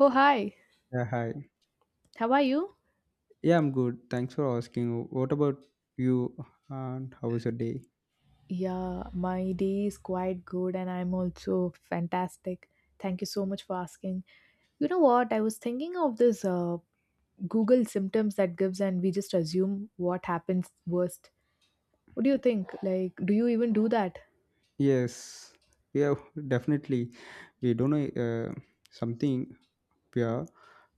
Oh, hi. Yeah, hi. How are you? Yeah, I'm good. Thanks for asking. What about you and how was your day? Yeah, my day is quite good and I'm also fantastic. Thank you so much for asking. You know what? I was thinking of this Google symptoms that gives and we just assume what happens worst. What do you think? Like, do you even do that? Yes, yeah, definitely. We don't know something. We are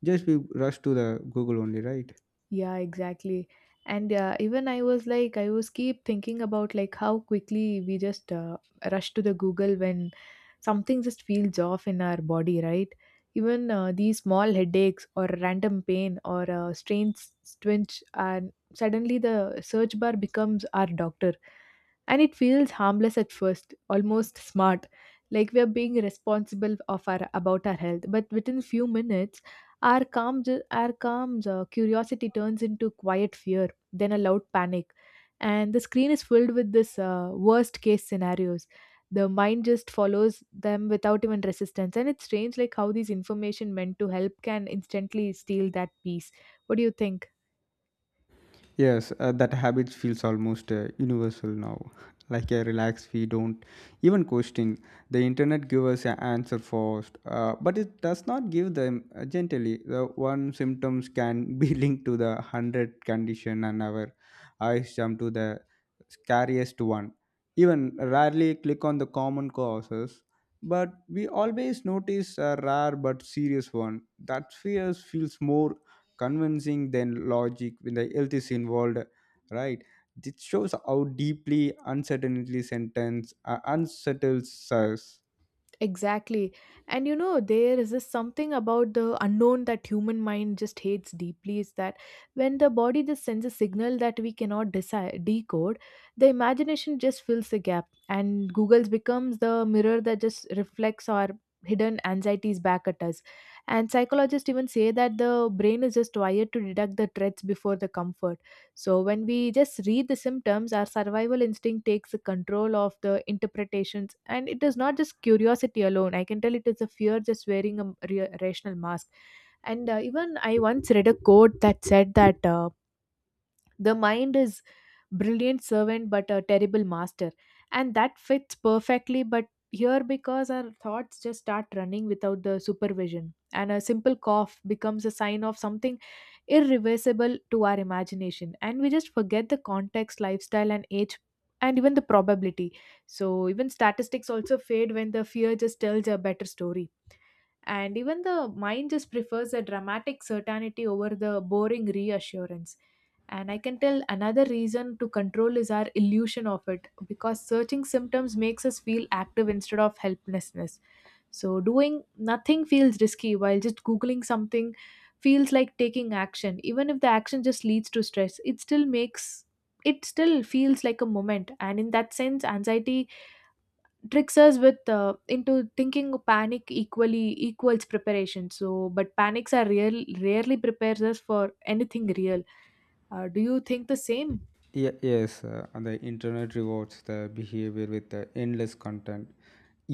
just we rush to the Google only, right? Yeah, exactly. And even I was like, I was keep thinking about like how quickly we just rush to the Google when something just feels off in our body, right? Even these small headaches or random pain or a strange twinge, and suddenly the search bar becomes our doctor and it feels harmless at first, almost smart, like we are being responsible of our about our health. But within few minutes our calm curiosity turns into quiet fear, then a loud panic, and the screen is filled with this worst case scenarios. The mind just follows them without even resistance. And it's strange like how these information meant to help can instantly steal that peace. What do you think? Yes, that habit feels almost universal now. Like a relax, we don't even question. The internet give us an answer first, but it does not give them gently. The one symptoms can be linked to the hundred condition, and our eyes jump to the scariest one. Even rarely click on the common causes, but we always notice a rare but serious one. That fear feels more convincing than logic when the health is involved, right? It shows how deeply uncertainty sentence unsettles us. Exactly. And you know, there is this something about the unknown that human mind just hates deeply, is that when the body just sends a signal that we cannot decide, decode, the imagination just fills the gap and Google's becomes the mirror that just reflects our hidden anxieties back at us. And psychologists even say that the brain is just wired to detect the threats before the comfort. So when we just read the symptoms, our survival instinct takes control of the interpretations, and it is not just curiosity alone. I can tell it is a fear just wearing a rational mask. And even I once read a quote that said that. The mind is brilliant servant but a terrible master. And that fits perfectly, but here, because our thoughts just start running without the supervision. And a simple cough becomes a sign of something irreversible to our imagination. And we just forget the context, lifestyle, and age, and even the probability. So, even statistics also fade when the fear just tells a better story. And even the mind just prefers a dramatic certainty over the boring reassurance. And I can tell another reason to control is our illusion of it, because searching symptoms makes us feel active instead of helplessness. So doing nothing feels risky, while just googling something feels like taking action. Even if the action just leads to stress, it still makes, it still feels like a moment. And in that sense, anxiety tricks us with into thinking panic equally equals preparation. So but panics are real rarely prepares us for anything real. Do you think the same? Yes, and the internet rewards the behavior with the endless content.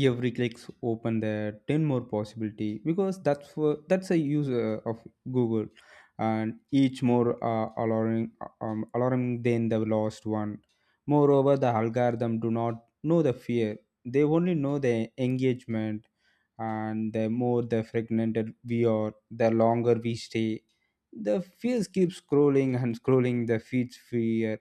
Every clicks open there 10 more possibility, because that's a user of google, and each more alarming than the last one. Moreover, the algorithm do not know the fear, they only know the engagement. And the more the fragmented we are, the longer we stay, the fears keep scrolling and scrolling the feeds fear.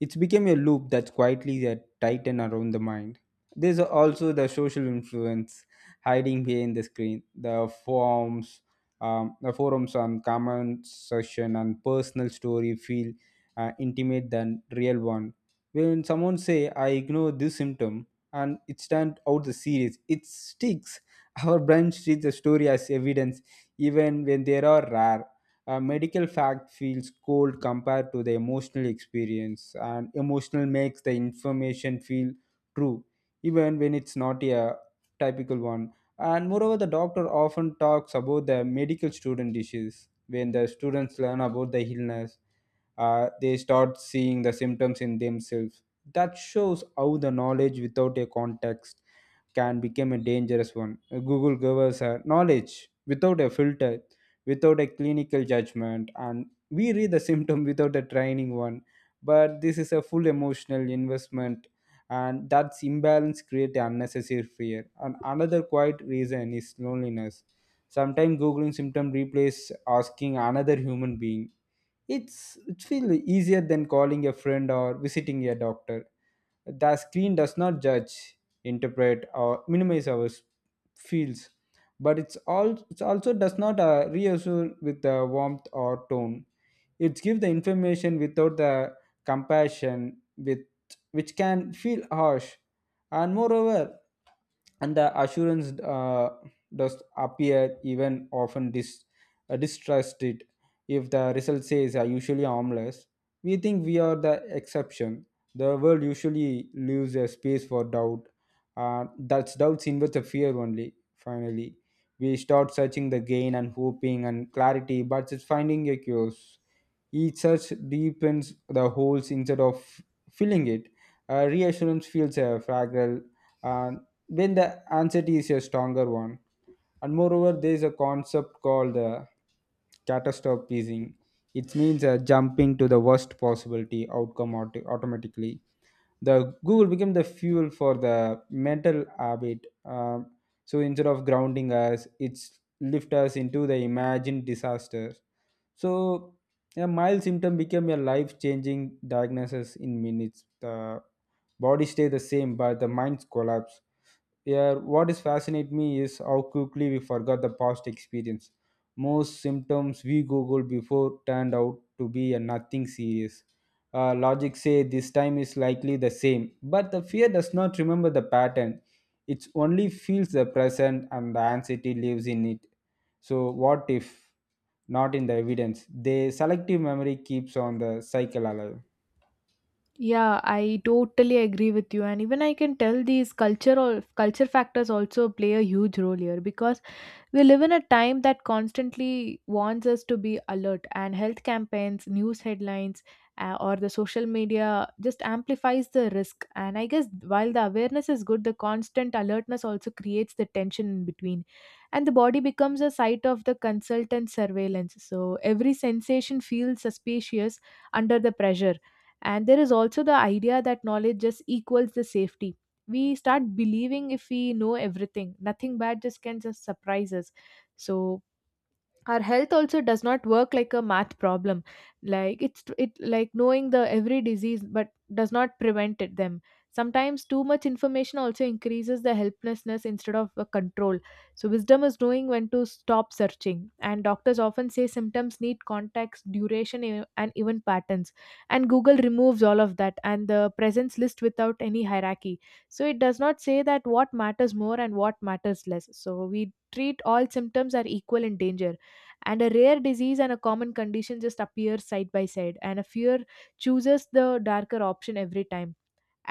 It's become a loop that's quietly that tighten around the mind. There's also the social influence, hiding behind the screen, the forms, the forums and comment section, and personal story feel intimate than real one. When someone say I ignore this symptom and it stand out the series, it sticks. Our brain treats the story as evidence, even when they are rare. A medical fact feels cold compared to the emotional experience, and emotional makes the information feel true, even when it's not a typical one. And moreover, the doctor often talks about the medical student issues. When the students learn about the illness, they start seeing the symptoms in themselves. That shows how the knowledge without a context can become a dangerous one. Google gave us a knowledge without a filter, without a clinical judgment, and we read the symptom without a training one. But this is a full emotional investment, and that's imbalance create unnecessary fear. And another quiet reason is loneliness. Sometimes googling symptom replace asking another human being. It feel easier than calling a friend or visiting a doctor. The screen does not judge, interpret, or minimize our feels, but it also does not reassure with the warmth or tone. It gives the information without the compassion, with which can feel harsh. And moreover, and the assurance does appear even often distrusted. If the result says are usually harmless, we think we are the exception. The world usually leaves a space for doubt. That's doubts invest the fear only. Finally, we start searching the gain and hoping and clarity, but it's finding a cures. Each search deepens the holes instead of filling it. Reassurance feels fragile uh, when the anxiety is a stronger one. And moreover, there is a concept called catastrophizing. It means jumping to the worst possibility outcome automatically. The google became the fuel for the mental habit. So instead of grounding us, it's lift us into the imagined disaster. So a mild symptom became a life changing diagnosis in minutes. The body stay the same, but the mind collapse. Yeah, what is fascinate me is how quickly we forgot the past experience. Most symptoms we Google before turned out to be a nothing serious. Logic say this time is likely the same, but the fear does not remember the pattern. It only feels the present, and the anxiety lives in it. So what if not in the evidence? The selective memory keeps on the cycle alive. Yeah, I totally agree with you, and even I can tell these cultural culture factors also play a huge role here, because we live in a time that constantly wants us to be alert, and health campaigns, news headlines, or the social media just amplifies the risk. And I guess while the awareness is good, the constant alertness also creates the tension in between, and the body becomes a site of the consultant surveillance. So every sensation feels suspicious under the pressure. And there is also the idea that knowledge just equals the safety. We start believing if we know everything nothing bad just can just surprise us. So our health also does not work like a math problem. Like it's it like knowing the every disease but does not prevent it them. Sometimes too much information also increases the helplessness instead of a control. So wisdom is knowing when to stop searching. And doctors often say symptoms need context, duration, and even patterns. And google removes all of that, and the presence list without any hierarchy. So it does not say that what matters more and what matters less. So we treat all symptoms are equal in danger, and a rare disease and a common condition just appear side by side, and a fear chooses the darker option every time.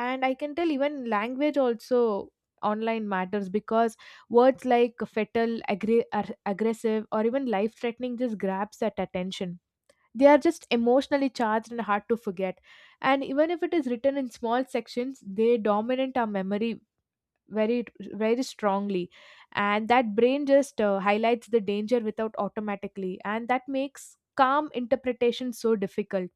And I can tell even language also online matters, because words like fatal, aggressive, or even life threatening just grabs that attention. They are just emotionally charged and hard to forget. And even if it is written in small sections, they dominate our memory very, very strongly. And that brain just highlights the danger without automatically, and that makes calm interpretation so difficult.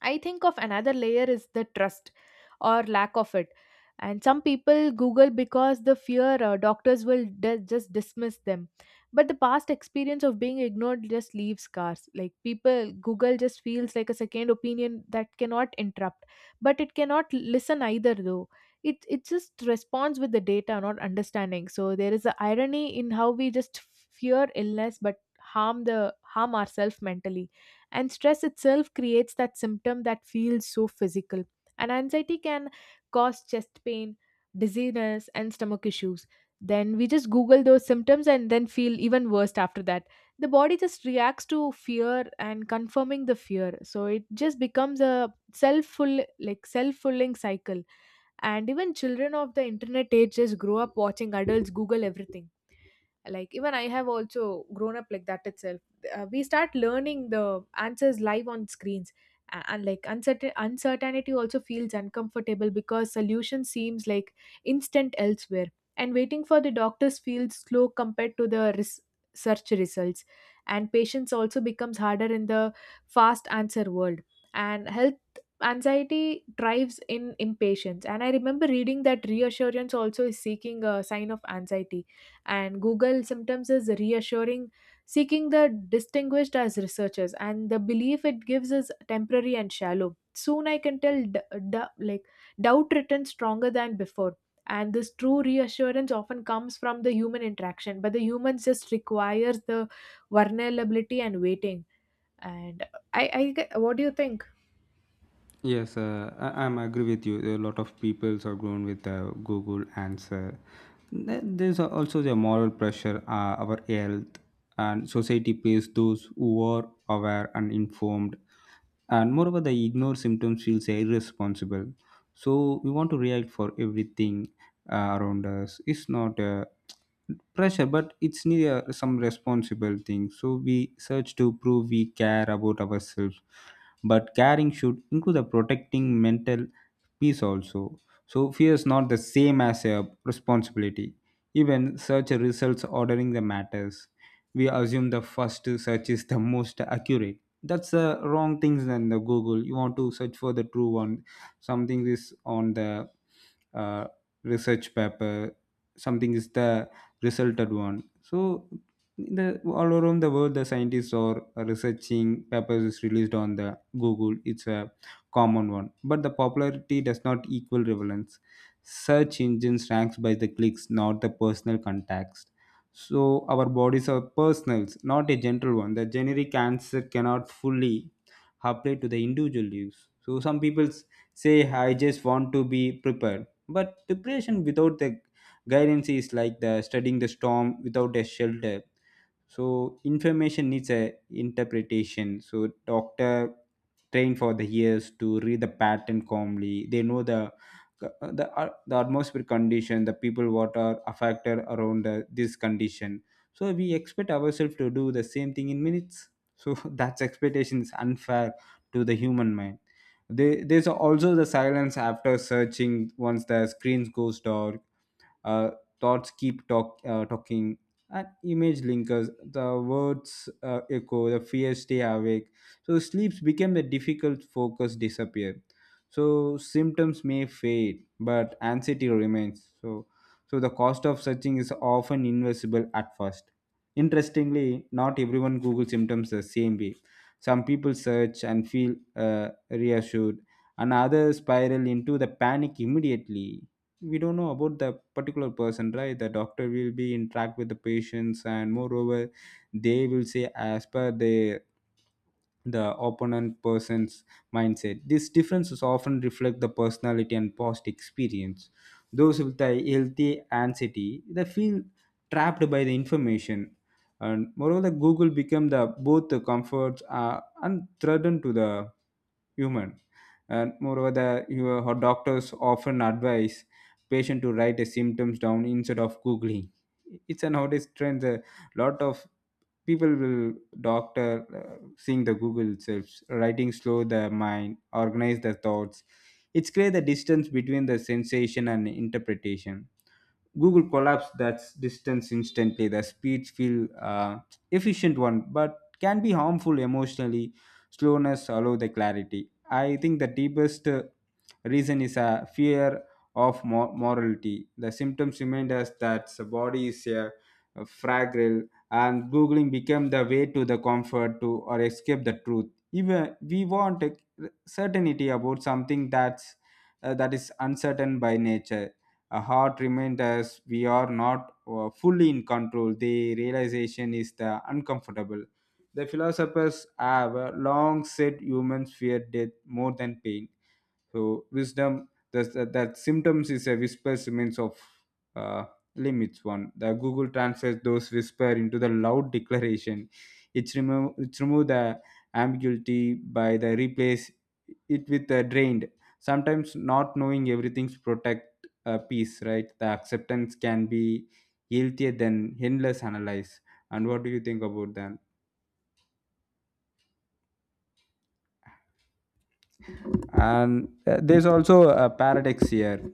I think of another layer is the trust, or lack of it. And some people Google because the fear doctors will just dismiss them. But the past experience of being ignored just leaves scars. Like people, Google just feels like a second opinion that cannot interrupt, but it cannot listen either, though. It just responds with the data, not understanding. So there is an irony in how we just fear illness but harm ourselves mentally, and stress itself creates that symptom that feels so physical. And anxiety can cause chest pain, dizziness, and stomach issues. Then we just google those symptoms and then feel even worse after that. The body just reacts to fear and confirming the fear, so it just becomes a self-full like self-fulfilling cycle. And even children of the internet age just grow up watching adults google everything. Like even I have also grown up like that itself. We start learning the answers live on screens. And like uncertainty also feels uncomfortable because solution seems like instant elsewhere. And waiting for the doctors feels slow compared to the search results. And patience also becomes harder in the fast answer world. And health anxiety thrives in impatience. And I remember reading that reassurance also is seeking a sign of anxiety. And Google sometimes is reassuring, seeking the distinguished as researchers, and the belief it gives is temporary and shallow. Soon I can tell, d- like doubt returns stronger than before, and this true reassurance often comes from the human interaction. But the humans just requires the vulnerability and waiting. And what do you think? Yes, I'm agree with you. A lot of peoples are grown with Google answer. There's also the moral pressure, our health, and society pays those who are aware and informed. And moreover, the ignore symptoms feels irresponsible. So we want to react for everything around us. It's not a pressure, but it's near some responsible thing. So we search to prove we care about ourselves, but caring should include the protecting mental peace also. So fear is not the same as a responsibility. Even search results ordering the matters. We assume the first search is the most accurate. That's the wrong things than the Google. You want to search for the true one. Something is on the uh, research paper. Something is the resulted one. So the all around the world, the scientists are researching papers is released on the google. It's a common one, but the popularity does not equal relevance. Search engines ranks by the clicks, not the personal context. So our bodies are personals, not a general one. The generic answer cannot fully apply to the individual use. So some people say I just want to be prepared, but preparation without the guidance is like the studying the storm without a shelter. So information needs a interpretation. So doctor trained for the years to read the pattern calmly. They know the the atmospheric condition, the people what are affected around this condition. So we expect ourselves to do the same thing in minutes. So that's expectation is unfair to the human mind. There's also the silence after searching. Once the screens goes dark, uh, thoughts keep talking, and image linkers the words echo, the fears stay awake. So sleeps became the difficult, focus disappear. So symptoms may fade, but anxiety remains. So so the cost of searching is often invisible at first. Interestingly, not everyone google symptoms the same way. Some people search and feel reassured, and others spiral into the panic immediately. We don't know about the particular person, right? The doctor will be interact with the patients, and moreover they will say as per their the opponent person's mindset. These differences often reflect the personality and past experience. Those with a healthy anxiety, they feel trapped by the information. And moreover, Google become the both the comforts and threaten to the human. And moreover, the your how doctors often advise patient to write the symptoms down instead of googling. It's a nowadays trend. Lot of people will doctor seeing the google itself writing slow the mind organize the thoughts. It's create the distance between the sensation and interpretation. Google collapse that distance instantly. The speeds feel efficient one, but can be harmful emotionally. Slowness allow the clarity. I think the deepest reason is a fear of morality. The symptoms remind us that the body is a fragile, and googling became the way to the comfort to or escape the truth. Even we want a certainty about something that's that is uncertain by nature. A heart reminds us we are not fully in control. The realization is the uncomfortable. The philosophers have long said humans fear death more than pain. So wisdom, that symptoms is a whisper remains of uh, limits one. The Google translates those whisper into the loud declaration. It's remove the ambiguity by the replace it with the drained. Sometimes not knowing everything's protect a peace, right? The acceptance can be healthier than endless analyze. And what do you think about that? And there's also a paradox here.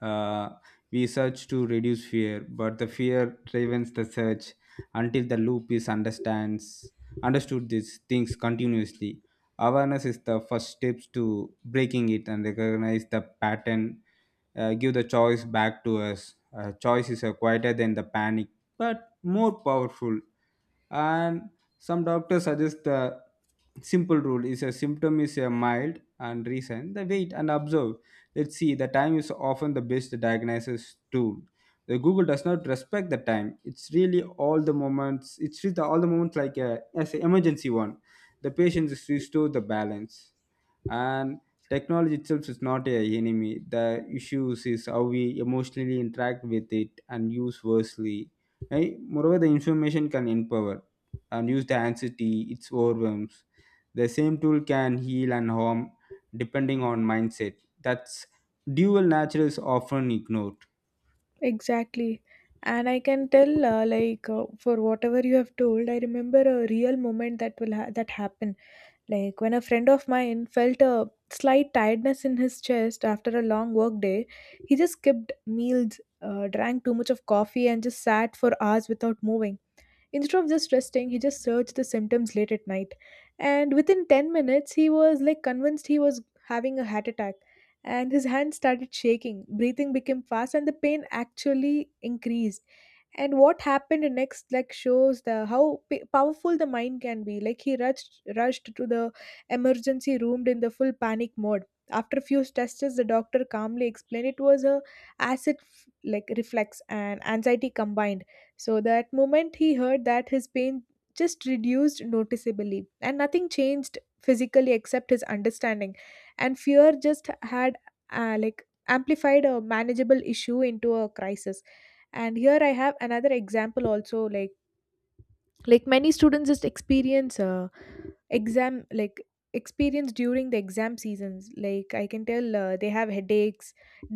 Uh, we search to reduce fear, but the fear drives the search until the loop is understands understood these things continuously. Awareness is the first steps to breaking it and recognize the pattern. Give the choice back to us. Choice is quieter than the panic, but more powerful. And some doctors suggest the simple rule is a symptom is a mild and recent the wait and observe. Let's see, the time is often the best diagnosis tool. The google does not respect the time. It's really all the moments, like a as an emergency one. The patient is restored the balance. And technology itself is not a enemy. The issues is how we emotionally interact with it and use wisely, right? Moreover, the information can empower, and use the anxiety its overwhelms. The same tool can heal and harm, depending on mindset. That's dual nature is often ignored. Exactly. And I can tell, for whatever you have told, I remember a real moment that that happened. Like when a friend of mine felt a slight tiredness in his chest after a long work day, he just skipped meals, drank too much of coffee, and just sat for hours without moving. Instead of just resting, he just searched the symptoms late at night. And within 10 minutes, he was like convinced he was having a heart attack. And his hands started shaking, breathing became fast, and the pain actually increased. And what happened next like shows the how powerful the mind can be. Like he rushed to the emergency room in the full panic mode. After a few tests, the doctor calmly explained it was a acid f- like reflex and anxiety combined. So that moment he heard that his pain just reduced noticeably, and nothing changed physically except his understanding. And fear just had like amplified a manageable issue into a crisis. And here I have another example also. Many students just experience exam like experience during the exam seasons. Like I can tell they have headaches,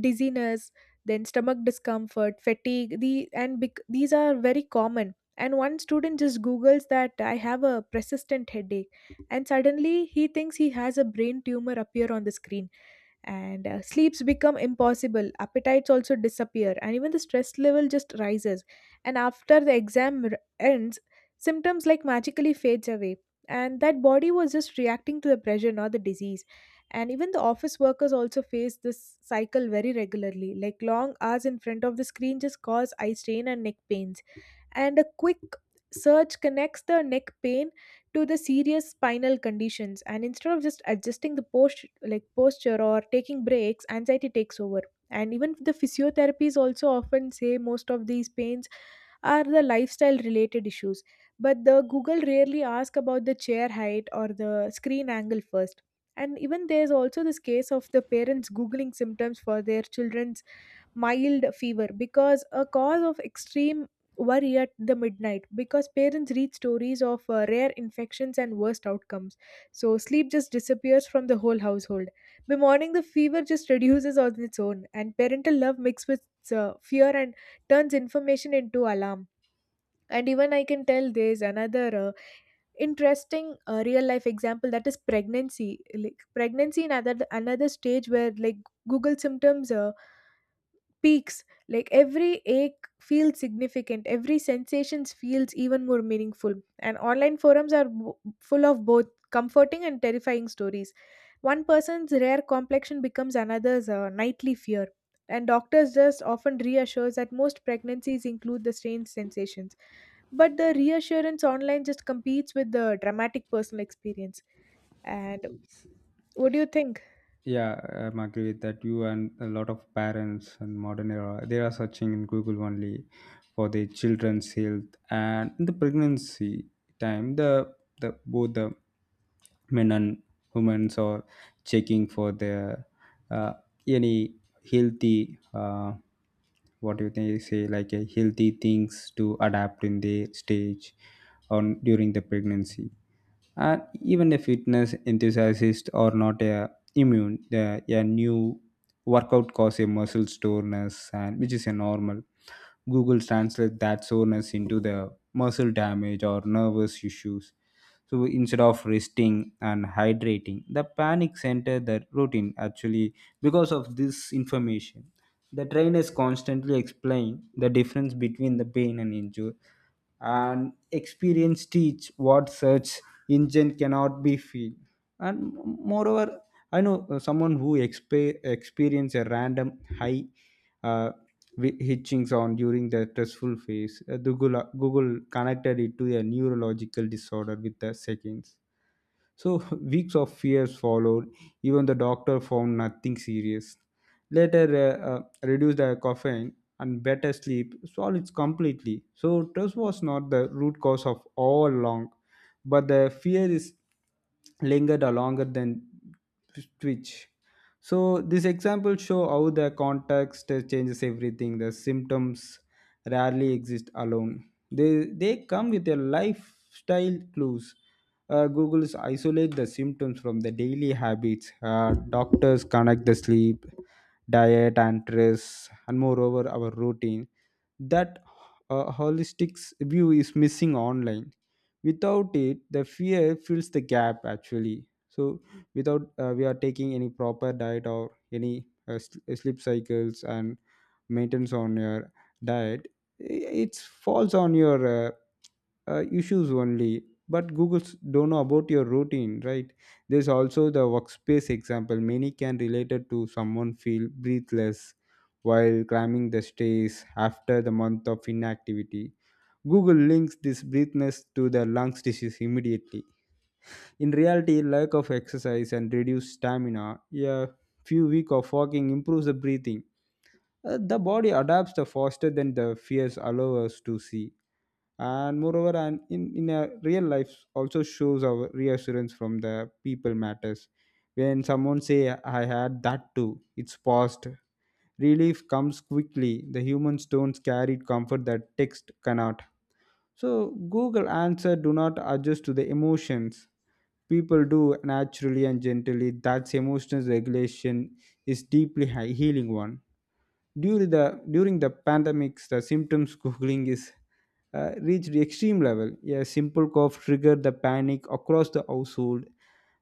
dizziness, then stomach discomfort, fatigue, these are very common. And one student just googles that I have a persistent headache, and suddenly he thinks he has a brain tumor appear on the screen. And sleeps become impossible, appetites also disappear, and even the stress level just rises. And after the ends, symptoms like magically fades away. And that body was just reacting to the pressure, not the disease. And even the office workers also face this cycle very regularly. Like long hours in front of the screen just cause eye strain and neck pains. And a quick search connects the neck pain to the serious spinal conditions. And instead of just adjusting the posture or taking breaks, anxiety takes over. And even the physiotherapies also often say most of these pains are the lifestyle related issues, but the google rarely ask about the chair height or the screen angle first. And even there's also this case of the parents googling symptoms for their children's mild fever, because a cause of extreme worry at the midnight, because parents read stories of rare infections and worst outcomes. So sleep just disappears from the whole household. By morning the fever just reduces on its own, and parental love mixed with fear and turns information into alarm. And even I can tell there's another interesting real life example, that is pregnancy. Like pregnancy in another stage where like google symptoms peaks. Like every ache feels significant, every sensations feels even more meaningful. And online forums are full of both comforting and terrifying stories. One person's rare complexion becomes another's nightly fear. And doctors just often reassures that most pregnancies include the strange sensations, but the reassurance online just competes with the dramatic personal experience. And what do you think? Yeah, I'm agree with that. You and a lot of parents in modern era, they are searching in Google only for their children's health and in the pregnancy time, the both the men and women are checking for their uh, any healthy what do you think, say like a healthy things to adapt in the stage on during the pregnancy. And even a fitness enthusiast or not a immune the, a new workout cause a muscle soreness and which is a normal. Google translates that soreness into the muscle damage or nervous issues, so instead of resting and hydrating the panic center the routine actually because of this information. The trainers constantly explain the difference between the pain and injury, and experience teach what search engine cannot be feel. And moreover, I know someone who experience a random high uh, hitching sound during the stressful phase. The google connected it to a neurological disorder with the seconds. So weeks of fears followed, even the doctor found nothing serious later. Reduce the caffeine and better sleep solve it completely, so trust was not the root cause of all along, but the fear is lingered or longer than twitch. So this example show how the context changes everything. The symptoms rarely exist alone, they come with a lifestyle clues. Google's isolate the symptoms from the daily habits. Doctors connect the sleep, diet and stress and moreover our routine. That holistic view is missing online. Without it the fear fills the gap actually. So without, we are taking any proper diet or any sleep cycles and maintenance on your diet, it's falls on your issues only. But google's don't know about your routine, right? There's also the workspace example, many can relate it to someone feel breathless while climbing the stairs after the month of inactivity. Google links this breathlessness to the lungs disease immediately. In reality, lack of exercise and reduced stamina. A few week of walking improves the breathing. The body adapts the faster than the fears allow us to see. And moreover, and in a real life also shows our reassurance from the people matters. When someone say I had that too, it's past, relief comes quickly. The humans don't carry comfort that text cannot. So google answer do not adjust to the emotions, people do naturally and gently. That's emotional regulation is deeply high healing one. During the pandemics the symptoms googling is reached extreme level. A simple cough triggered the panic across the household.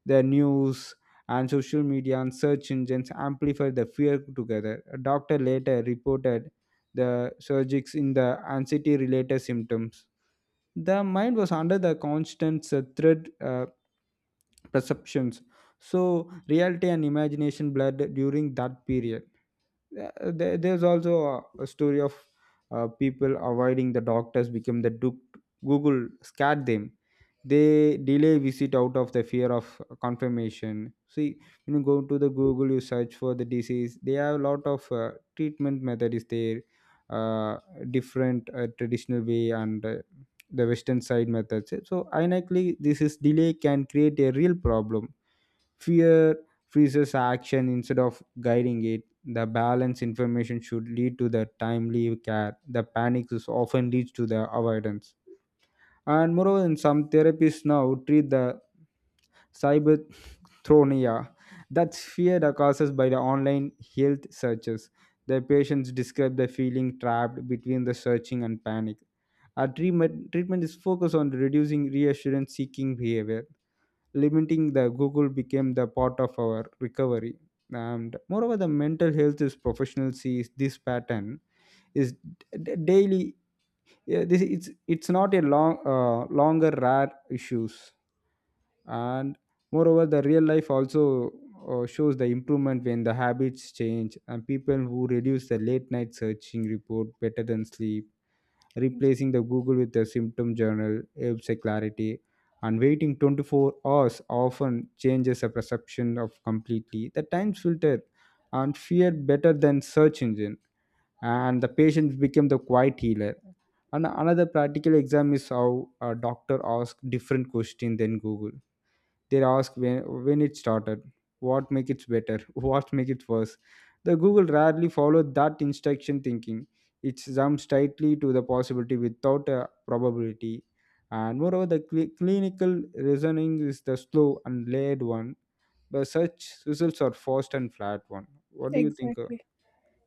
The news and social media and search engines amplified the fear together. A doctor later reported the surges in the anxiety related symptoms. The mind was under the constant threat perceptions. So reality and imagination blurred during that period. Yeah. There's also a story of people avoiding the doctors become the duke, google scared them. They delay visit out of the fear of confirmation. See, when you go to the google you search for the disease, they have a lot of treatment method is there. uh, Different traditional way and the western side methods. So ironically this is delay can create a real problem. Fear freezes action instead of guiding it. The balanced information should lead to the timely care. The panic is often leads to the avoidance. And moreover, in some therapies now treat the cyberthronia, that's fear that causes by the online health searches. The patients describe the feeling trapped between the searching and panic. Our treatment is focused on reducing reassurance seeking behavior. Limiting the google became the part of our recovery. And moreover the mental health is professional sees this pattern is daily. Yeah, this it's not a long longer rare issues. And moreover the real life also shows the improvement when the habits change, and people who reduce the late night searching report better than sleep. Replacing the Google with the symptom journal helps a clarity, and waiting 24 hours often changes the perception of completely. The time filter and fear better than search engine, and the patient became the quiet healer. And another practical exam is how a doctor asks different question than Google. They ask when it started, what make it better, what make it worse. The google rarely followed that instruction thinking, it jumps tightly to the possibility without a probability. And moreover the clinical reasoning is the slow and layered one. The search results are fast and flat one. What do you think, Exactly.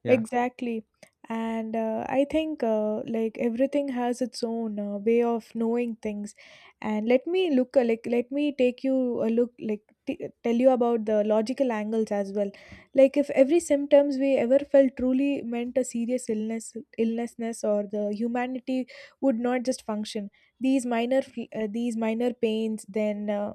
yeah? Exactly. And I think like everything has its own way of knowing things. And let me take you a look like tell you about the logical angles as well. Like if every symptoms we ever felt truly meant a serious illnessness or the humanity would not just function. These these minor pains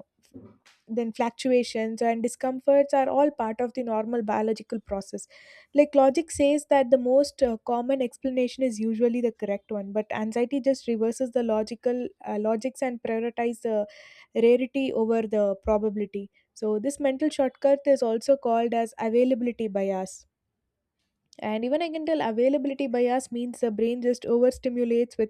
then fluctuations and discomforts are all part of the normal biological process. Like logic says that the most common explanation is usually the correct one, but anxiety just reverses the logical logics and prioritize the rarity over the probability. So this mental shortcut is also called as availability bias. And even I can tell availability bias means the brain just overstimulates with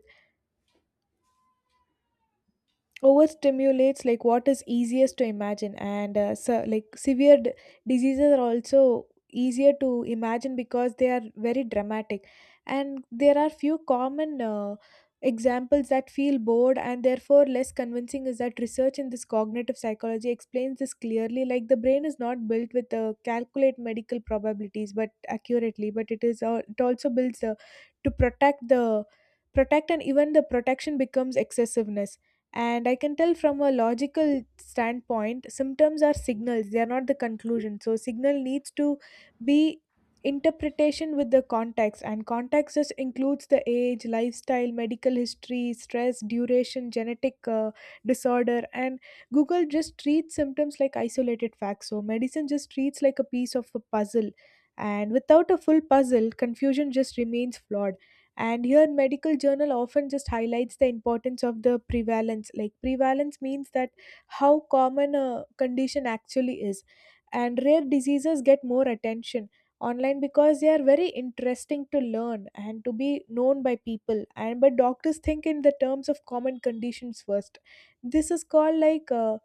overstimulates like what is easiest to imagine and so, like diseases are also easier to imagine because they are very dramatic. And there are few common examples that feel bored and therefore less convincing, is that research in this cognitive psychology explains this clearly. Like the brain is not built with calculate medical probabilities but accurately, but it is it also builds to protect the protect, and even the protection becomes excessiveness. And I can tell from a logical standpoint, symptoms are signals, they are not the conclusion. So, signal needs to be interpretation with the context, and context just includes the age, lifestyle, medical history, stress, duration, genetic disorder. And Google just treats symptoms like isolated facts. So, medicine just treats like a piece of a puzzle. And without a full puzzle, confusion just remains flawed. And here medical journal often just highlights the importance of the prevalence. Like prevalence means that how common a condition actually is. And rare diseases get more attention online because they are very interesting to learn and to be known by people. And but doctors think in the terms of common conditions first. This is called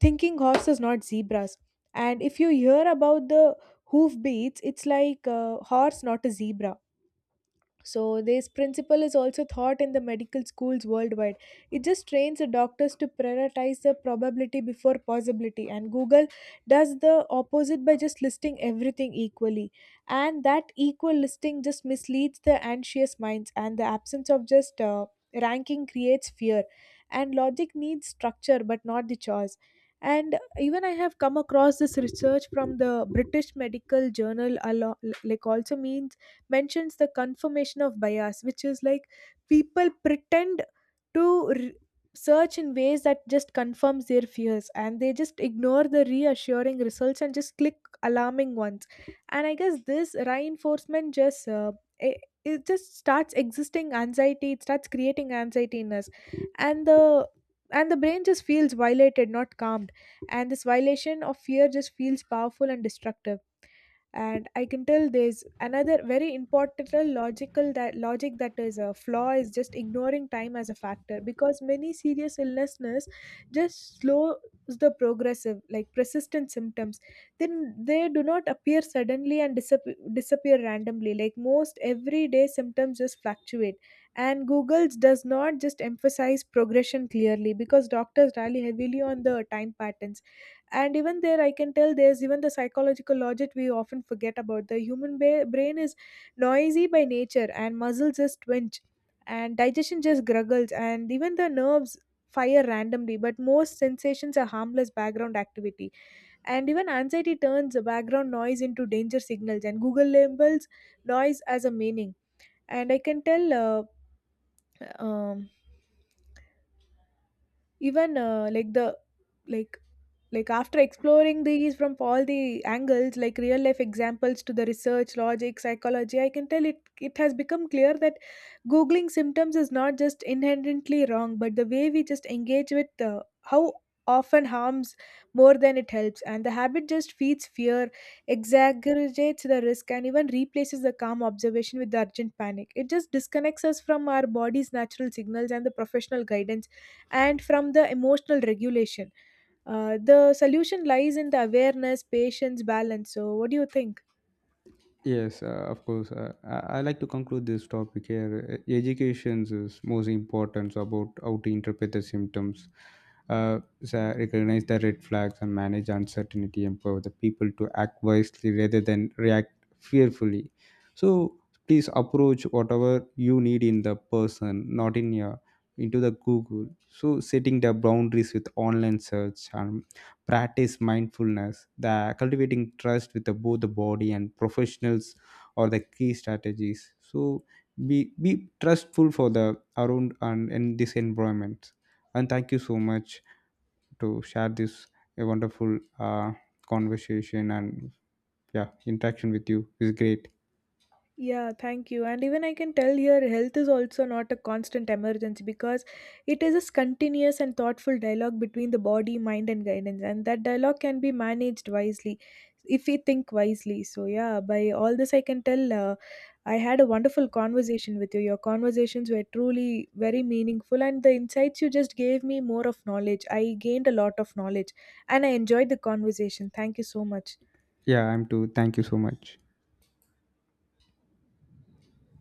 thinking horses, not zebras. And if you hear about the hoof beats, it's like a horse, not a zebra. So, this principle is also taught in the medical schools worldwide. It just trains the doctors to prioritize the probability before possibility, and Google does the opposite by just listing everything equally. And that equal listing just misleads the anxious minds, and the absence of just ranking creates fear. And logic needs structure, but not the choice. And even I have come across this research from the British Medical Journal, a lot, like also means mentions the confirmation of bias, which is like people pretend to r search in ways that just confirms their fears, and they just ignore the reassuring results and just click alarming ones. And I guess this reinforcement it, it just starts existing anxiety, it starts creating anxiety in us. And the and the brain just feels violated, not calmed. And this violation of fear just feels powerful and destructive. And I can tell there's another very important logical, that logic that is a flaw is just ignoring time as a factor, because many serious illnesses just slows the progressive like persistent symptoms. Then they do not appear suddenly and disappear randomly, like most everyday symptoms just fluctuate. And google's does not just emphasize progression clearly, because doctors rely heavily on the time patterns. And even there I can tell there's even the psychological logic we often forget about. The human brain is noisy by nature, and muscles just twinge and digestion just gruggles and even the nerves fire randomly, but most sensations are harmless background activity. And even anxiety turns the background noise into danger signals, and google labels noise as a meaning. And I can tell um, even like the like like after exploring these from all the angles, like real life examples to the research logic psychology, I can tell it has become clear that googling symptoms is not just inherently wrong, but the way we just engage with how often harms more than it helps. And the habit just feeds fear, exaggerates the risk, and even replaces the calm observation with the urgent panic. It just disconnects us from our body's natural signals and the professional guidance and from the emotional regulation. The solution lies in the awareness, patience, balance. So, what do you think? Yes, of course. I like to conclude this topic here. Education is most important about how to interpret the symptoms, so recognize the red flags, and manage uncertainty, empower the people to act wisely rather than react fearfully. So please approach whatever you need in the person, not in your into the Google. So setting the boundaries with online search and practice mindfulness the cultivating trust with the, both the body and professionals are the key strategies. So be trustful for the around and in this environment. And thank you so much to share this a wonderful conversation. And yeah, interaction with you is great. Yeah, thank you. And even I can tell here, health is also not a constant emergency, because it is a continuous and thoughtful dialogue between the body, mind, and guidance. And that dialogue can be managed wisely if we think wisely. So, yeah, by all this, I can tell I had a wonderful conversation with you. Your conversations were truly very meaningful, and the insights you just gave me more of knowledge. I gained a lot of knowledge and I enjoyed the conversation. Thank you so much. Yeah, I'm too, thank you so much.